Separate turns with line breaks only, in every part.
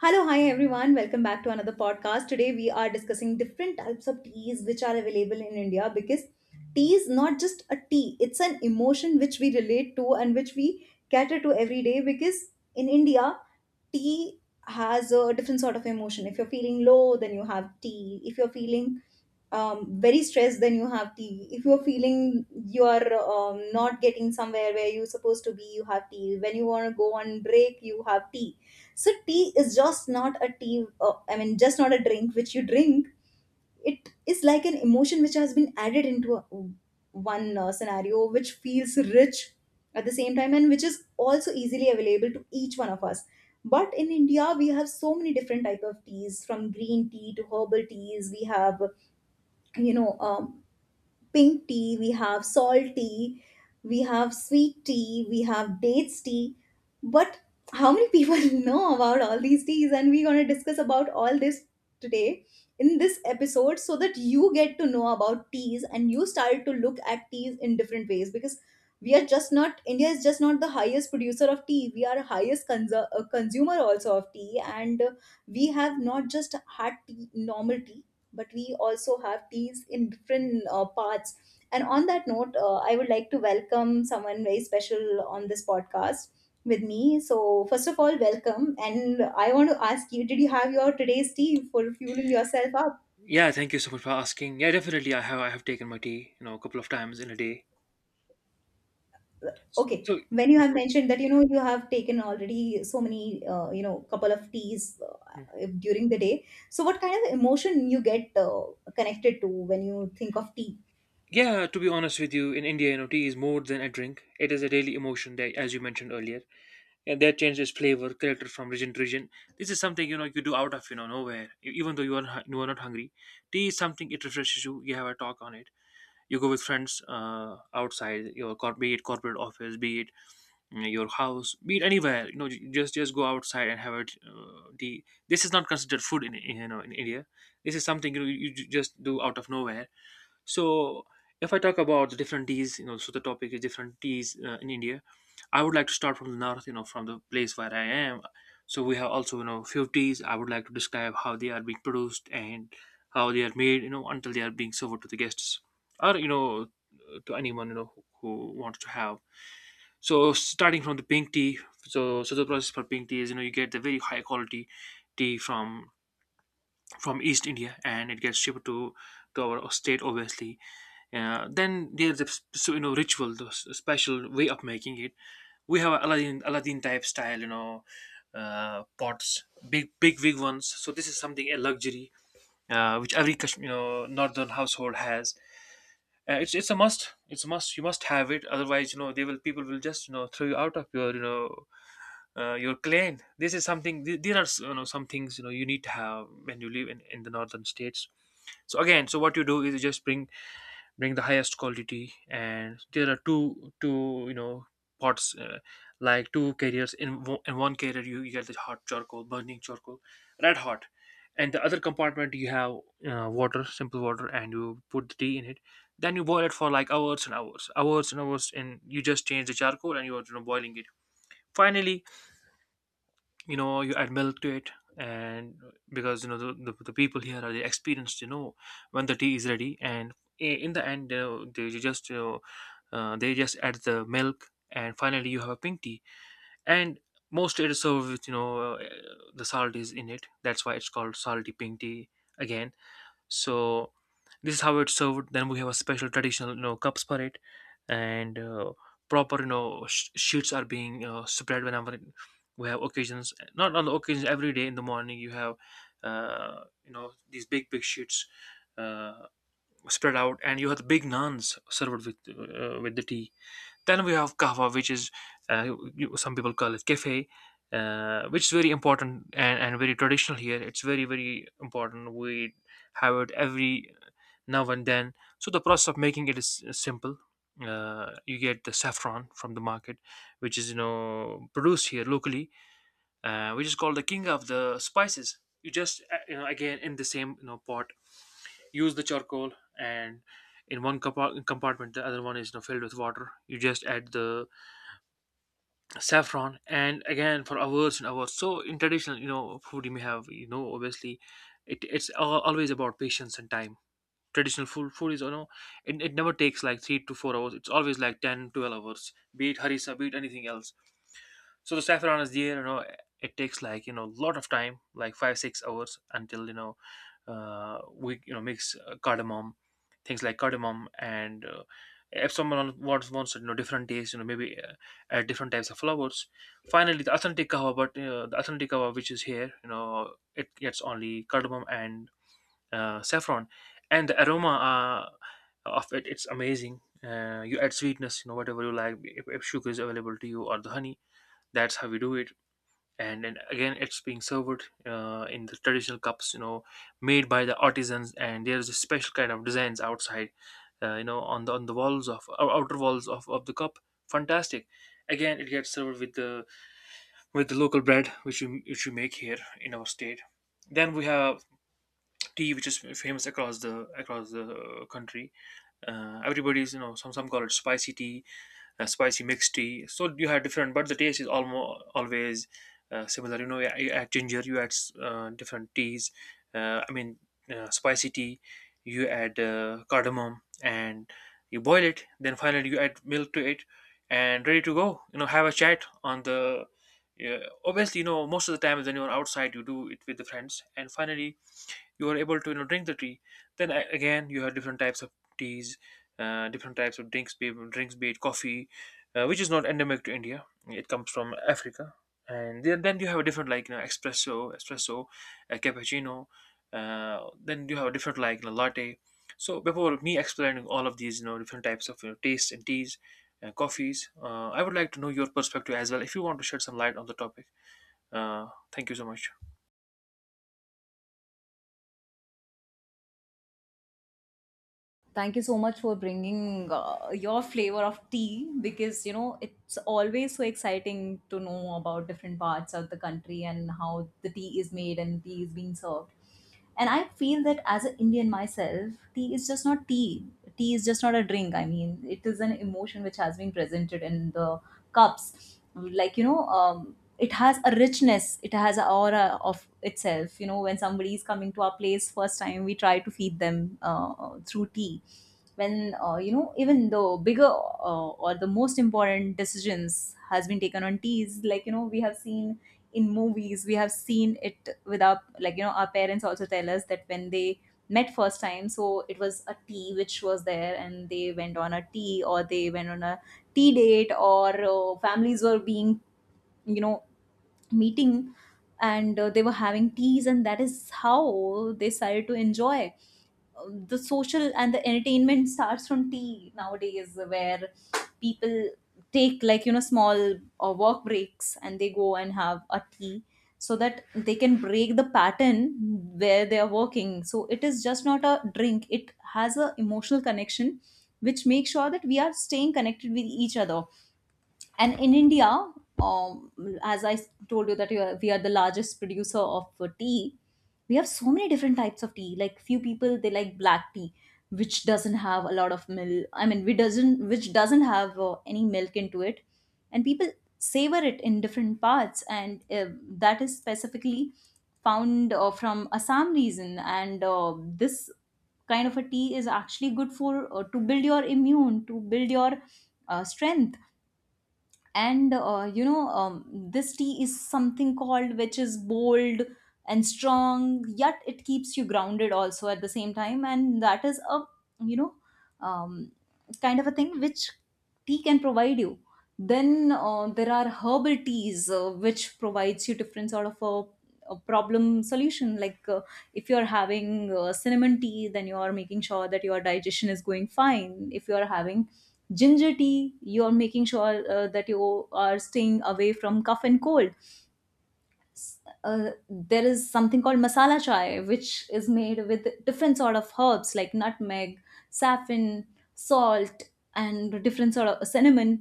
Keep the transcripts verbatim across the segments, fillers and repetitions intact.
Hello, hi everyone. Welcome back to another podcast. Today we are discussing different types of teas which are available in India because tea is not just a tea, it's an emotion which we relate to and which we cater to every day because in India tea has a different sort of emotion. If you're feeling low, then you have tea. If you're feeling um, very stressed, then you have tea. If you're feeling you are um, not getting somewhere where you're supposed to be, you have tea. When you want to go on break, you have tea. So tea is just not a tea. Uh, I mean, just not a drink which you drink, it is like an emotion which has been added into a, one uh, scenario which feels rich at the same time and which is also easily available to each one of us. But in India we have so many different type of teas. From green tea to herbal teas, we have you know um, pink tea, we have salt tea, we have sweet tea, we have dates tea. But how many people know about all these teas? And we're going to discuss about all this today in this episode, so that you get to know about teas and you start to look at teas in different ways, because we are just not, india is just not the highest producer of tea, we are highest consu- uh, consumer also of tea. And uh, we have not just had tea, normal tea, but we also have teas in different uh, parts. And on that note, uh, I would like to welcome someone very special on this podcast with me. So, first of all, welcome. And I want to ask you, did you have your today's tea for fueling yourself up?
Yeah, thank you so much for asking. Yeah, definitely, I have I have taken my tea, you know, a couple of times in a day.
Okay,
So,
when you have mentioned that you know you have taken already so many uh, you know couple of teas
mhm.
uh, during the day, so what kind of emotion you get uh, connected to when you think of tea?
Yeah, to be honest with you, in India, you know, tea is more than a drink. It is a daily emotion that, as you mentioned earlier, and that changes flavor, character from region to region. This is something, you know, you do out of, you know, nowhere, E- even though you are hu- you are not hungry. Tea is something, it refreshes you. You have a talk on it. You go with friends uh, outside your cor- be it corporate office, be it your house, be it anywhere, you know, ju- just just go outside and have it. Uh, the this is not considered food in in, you know, in india. This is something, you know, you ju- just do out of nowhere. So if I talk about the different teas, you know, so the topic is different teas uh, in india. I would like to start from the north, you know, from the place where I am. So we have also, you know, fifties. I would like to describe how they are being produced and how they are made, you know, until they are being served to the guests, or, you know, to anyone, you know, who, who wants to have. So starting from the pink tea, so so the process for pink tea is, you know, you get the very high quality tea from from East India and it gets shipped to to our state, obviously. Uh, then there's a s- so, you know, ritual, the s- special way of making it. We have Aladdin Aladdin type style, you know, uh, pots, big big big ones. So this is something a luxury uh, which every Kash- you know, northern household has. Uh, it's it's a must. It's a must. You must have it. Otherwise, you know, they will people will just, you know, throw you out of your, you know, uh, your clan. This is something. th- There are, you know, some things, you know, you need to have when you live in, in the northern states. So again, so what you do is you just bring bring the highest quality, and there are two two you know pots, uh, like two carriers, in, wo- in one carrier, you, you get the hot charcoal, burning charcoal, red hot, and the other compartment you have uh, water, simple water, and you put the tea in it. Then you boil it for like hours and hours, hours and hours, and you just change the charcoal, and you're, you know, boiling it. Finally, you know, you add milk to it, and because you know the, the, the people here are the experienced, you know, when the tea is ready, and i- in the end, you know, they ju- just you know, uh, they just add the milk, and finally you have a pink tea. And most, it is served with, you know, uh, the salt is in it, that's why it's called salty pink tea. Again, so this is how it's served. Then we have a special traditional, you know, cups for it, and uh, proper, you know, sh- sheets are being uh, spread whenever we have occasions. Not on the occasions, every day in the morning, you have uh, you know, these big big sheets uh, spread out, and you have the big naans served with uh, with the tea. Then we have kahwa, which is uh, you- some people call it cafe, uh, which is very important, and, and very traditional here. It's very very important. We have it every now and then. So the process of making it is uh, simple. Uh, you get the saffron from the market, which is, you know, produced here locally, uh, which is called the king of the spices. You just uh, you know, again, in the same, you know, pot, use the charcoal, and in one compa- compartment, the other one is, you know, filled with water. You just add the saffron, and again, for hours and hours. So in traditional, you know, food, you may have, you know, obviously, it, it's al- always about patience and time. Traditional food food is, you know, it, it never takes like three to four hours, it's always like ten, twelve hours, be it harissa, be it anything else. So the saffron is there, you know. Eh, it takes like, you know, a lot of time, like five six hours, until, you know, uh, we, you know, mix uh, cardamom, things like cardamom, and uh, if someone wants wants you know, different taste, you know, maybe uh, add different types of flowers. Finally, the authentic kawa, but uh, the authentic kawa which is here, you know, it gets only cardamom and uh, saffron, and the aroma uh, of it, it's amazing. Uh, you add sweetness, you know, whatever you like, if, if sugar is available to you, or the honey. That's how we do it. And then again, it's being served uh, in the traditional cups, you know, made by the artisans, and there's a special kind of designs outside, uh, you know, on the on the walls of ou- outer walls of, of the cup. Fantastic. Again, it gets served with the with the local bread which we which we make here in our state. Then we have tea which is famous across the across the country. Uh, everybody's, you know, some some call it spicy tea, uh, spicy mixed tea. So you had different, but the taste is almost always uh, similar. You know, you you add ginger, you add uh, different teas. Uh, I mean, uh, spicy tea. You add uh, cardamom, and you boil it. Then finally, you add milk to it, and ready to go. You know, have a chat on the. Yeah, obviously, you know, most of the time when you're outside, you do it with the friends, and finally, you are able to, you know, drink the tea. Then a- again you have different types of teas, uh, different types of drinks be drinks, be it coffee, uh, which is not endemic to india, it comes from africa. And then, then you have a different, like, you know, espresso espresso, uh, cappuccino, uh, then you have a different, like, you know, latte. So before me explaining all of these, you know, different types of, you know, tastes and teas, uh, coffees, uh, I would like to know your perspective as well, if you want to shed some light on the topic. Uh, thank you so much.
Thank you so much for bringing uh, your flavor of tea, because you know it's always so exciting to know about different parts of the country and how the tea is made and tea is being served. And I feel that as an Indian myself, tea is just not tea. Tea is just not a drink, I mean it is an emotion which has been presented in the cups, like you know, um, it has a richness, it has an aura of itself. You know, when somebody is coming to our place first time, we try to feed them uh, through tea. When uh, you know, even the bigger uh, or the most important decisions has been taken on teas, like you know we have seen in movies, we have seen it with our, like you know, our parents also tell us that when they met first time, so it was a tea which was there and they went on a tea, or they went on a tea date, or uh, families were being, you know, meeting, and uh, they were having teas, and that is how they started to enjoy. The social and the entertainment starts from tea nowadays, where people take, like you know, small or work breaks and they go and have a tea so that they can break the pattern where they are working. So it is just not a drink, it has a emotional connection which makes sure that we are staying connected with each other. And in India, um, as i s- told you that you are, we are the largest producer of uh, tea. We have so many different types of tea. Like few people, they like black tea which doesn't have a lot of milk, I mean which doesn't which doesn't have uh, any milk into it, and people savor it in different parts. And uh, that is specifically found uh, from Assam region. And uh, this kind of a tea is actually good for, uh, to build your immune, to build your uh, strength. And uh, you know, um, this tea is something called which is bold and strong, yet it keeps you grounded also at the same time, and that is a, you know, um, kind of a thing which tea can provide you. Then uh, there are herbal teas, uh, which provides you different sort of a, a problem solution. Like uh, if you are having uh, cinnamon tea, then you are making sure that your digestion is going fine. If you are having ginger tea, you're making sure uh, that you are staying away from cough and cold. Uh, there is something called masala chai which is made with different sort of herbs, like nutmeg, saffron, salt, and different sort of cinnamon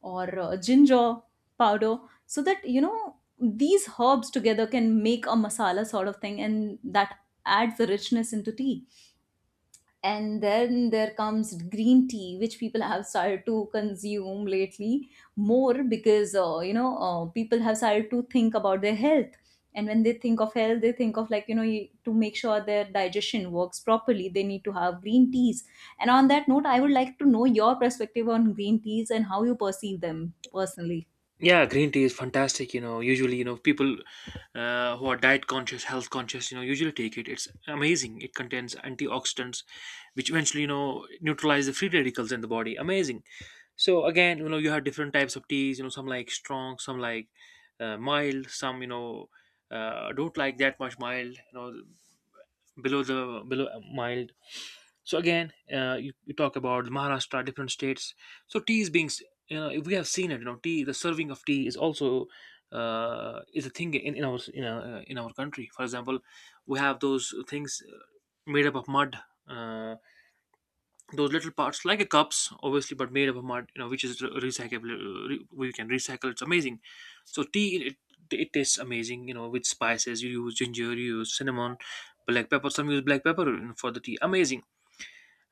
or uh, ginger powder, so that you know these herbs together can make a masala sort of thing, and that adds the richness into tea. And then there comes green tea which people have started to consume lately more, because uh, you know uh, people have started to think about their health. And when they think of health, they think of, like you know, you, to make sure their digestion works properly, they need to have green teas. And on that note, I would like to know your perspective on green teas and how you perceive them personally.
Yeah, green tea is fantastic. You know, usually, you know, people uh, who are diet conscious, health conscious, you know, usually take it. It's amazing. It contains antioxidants, which eventually, you know, neutralize the free radicals in the body. Amazing. So again, you know, you have different types of teas. You know, some like strong, some like uh, mild, some, you know, uh, don't like that much mild. You know, below the below uh, mild. So again, uh, you, you talk about maharashtra, different states. So tea is being s- you know, we have seen it, you know, tea, the serving of tea is also uh, is a thing in, in our in our, in our country, for example. We have those things uh, made up of mud, uh, those little parts like a cups, obviously, but made of a mud, you know, which is re- recyclable, uh, re- we can recycle It's amazing. So tea, it, it tastes amazing, you know, with spices. You use ginger, you use cinnamon, black pepper. Some use black pepper, you know, for the tea. Amazing.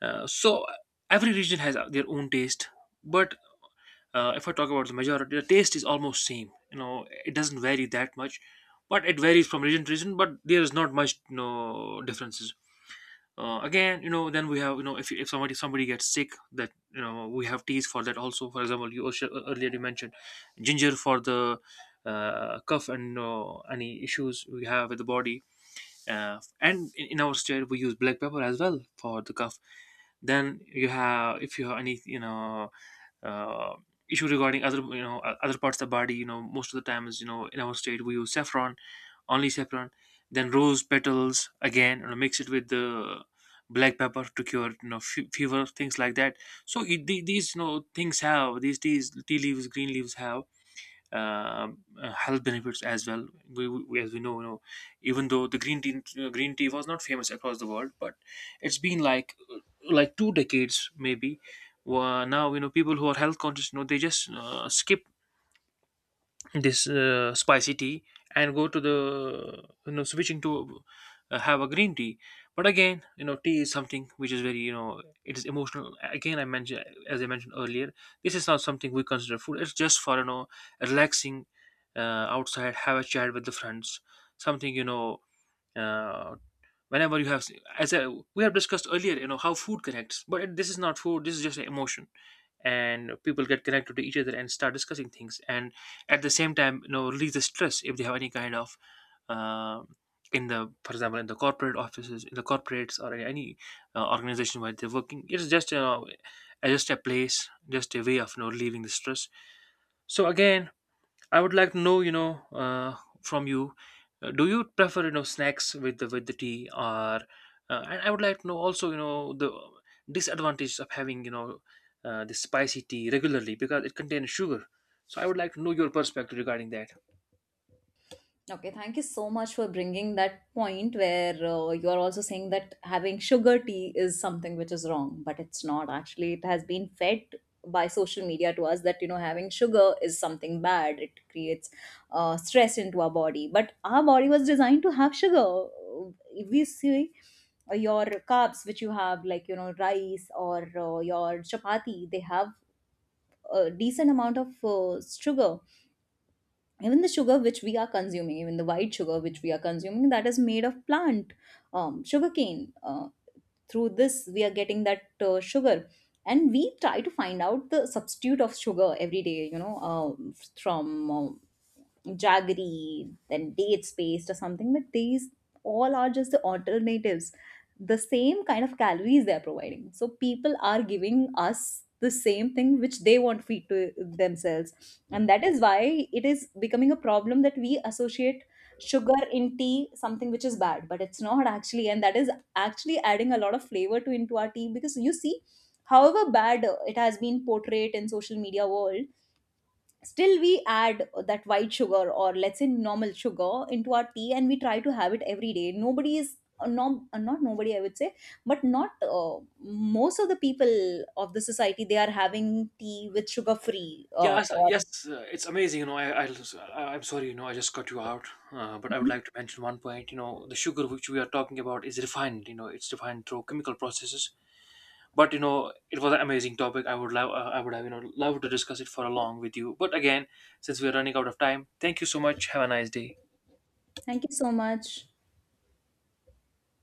uh, So every region has uh, their own taste, but uh, if I talk about the majority, the taste is almost same, you know. It doesn't vary that much, but it varies from region to region, but there is not much no differences. Uh, again, you know, then we have, you know, if, if somebody somebody gets sick, that, you know, we have teas for that also, for example. You also uh, earlier you mentioned ginger for the uh, cough, and uh, any issues we have with the body, uh, and in, in our state we use black pepper as well for the cough. Then you have, if you have any, you know, uh, issue regarding other, you know, o- other parts of the body, you know, most of the time is, you know, in our state, we use saffron, only saffron. Then rose petals, again, you know, mix it with the black pepper to cure, you know, fe- fever, things like that. So it, the- these, you know, things have, these teas, tea leaves, green leaves have um, uh, health benefits as well. We, we as we know, you know, even though the green tea, uh, green tea was not famous across the world, but it's been like uh, like two decades maybe. Wha- now, you know, people who are health conscious, you know, they just uh, skip this uh, spicy tea and go to the, you know, switching to uh, have a green tea. But again, you know, tea is something which is very, you know, it is emotional. Again I mentioned As I mentioned earlier, this is not something we consider food. It's just for, you know, relaxing, uh, outside, have a chat with the friends. Something, you know, uh, whenever you have, as I, we have discussed earlier, you know, how food connects. But it, this is not food. This is just an emotion. And people get connected to each other and start discussing things, and at the same time, you know, release the stress if they have any kind of, uh, in the, for example, in the corporate offices, in the corporates, or in any uh, organization where they're working, it's just, you know, uh, just a place, just a way of, you know, relieving the stress. So again, I would like to know, you know, uh, from you, uh, do you prefer, you know, snacks with the with the tea, or uh, and I would like to know also, you know, the disadvantages of having, you know, uh, this spicy tea regularly because it contains sugar. So I would like to know your perspective regarding that.
Okay, thank you so much for bringing that point, where uh, you are also saying that having sugar tea is something which is wrong, but it's not. Actually, it has been fed by social media to us that you know having sugar is something bad. It creates uh, stress into our body, but our body was designed to have sugar. If we see, uh, your carbs which you have, like you know rice or uh, your chapati, they have a decent amount of uh, sugar. Even the sugar which we are consuming, even the white sugar which we are consuming, that is made of plant, um, sugarcane. Uh, through this we are getting that uh, sugar. And we try to find out the substitute of sugar every day, you know uh, from uh, jaggery, then date space or something, but these all are just the alternatives. The same kind of calories they're providing. So people are giving us the same thing which they want to feed to themselves. And
Mhm.
that is why it is becoming a problem that we associate sugar in tea something which is bad, but it's not actually. And that is actually adding a lot of flavor to, into our tea. Because you see, however bad uh, it has been portrayed in social media world, still we add that white sugar, or let's say normal sugar, into our tea and we try to have it every day. Nobody is uh, no, uh, not nobody I would say, but not, uh, most of the people of the society, they are having tea with sugar free uh,
Yes,
or,
yes, uh, it's amazing. You know, I, I, I- I'm sorry. You know, I just cut you out. Uh, but I would
mhm,
like to mention one point. You know, the sugar which we are talking about is refined. You know, it's refined through chemical processes. But you know, it was an amazing topic. I would love, uh, I would have, you know, loved to discuss it for a long with you. But again, since we are running out of time, thank you so much. Have a nice day.
thank you so much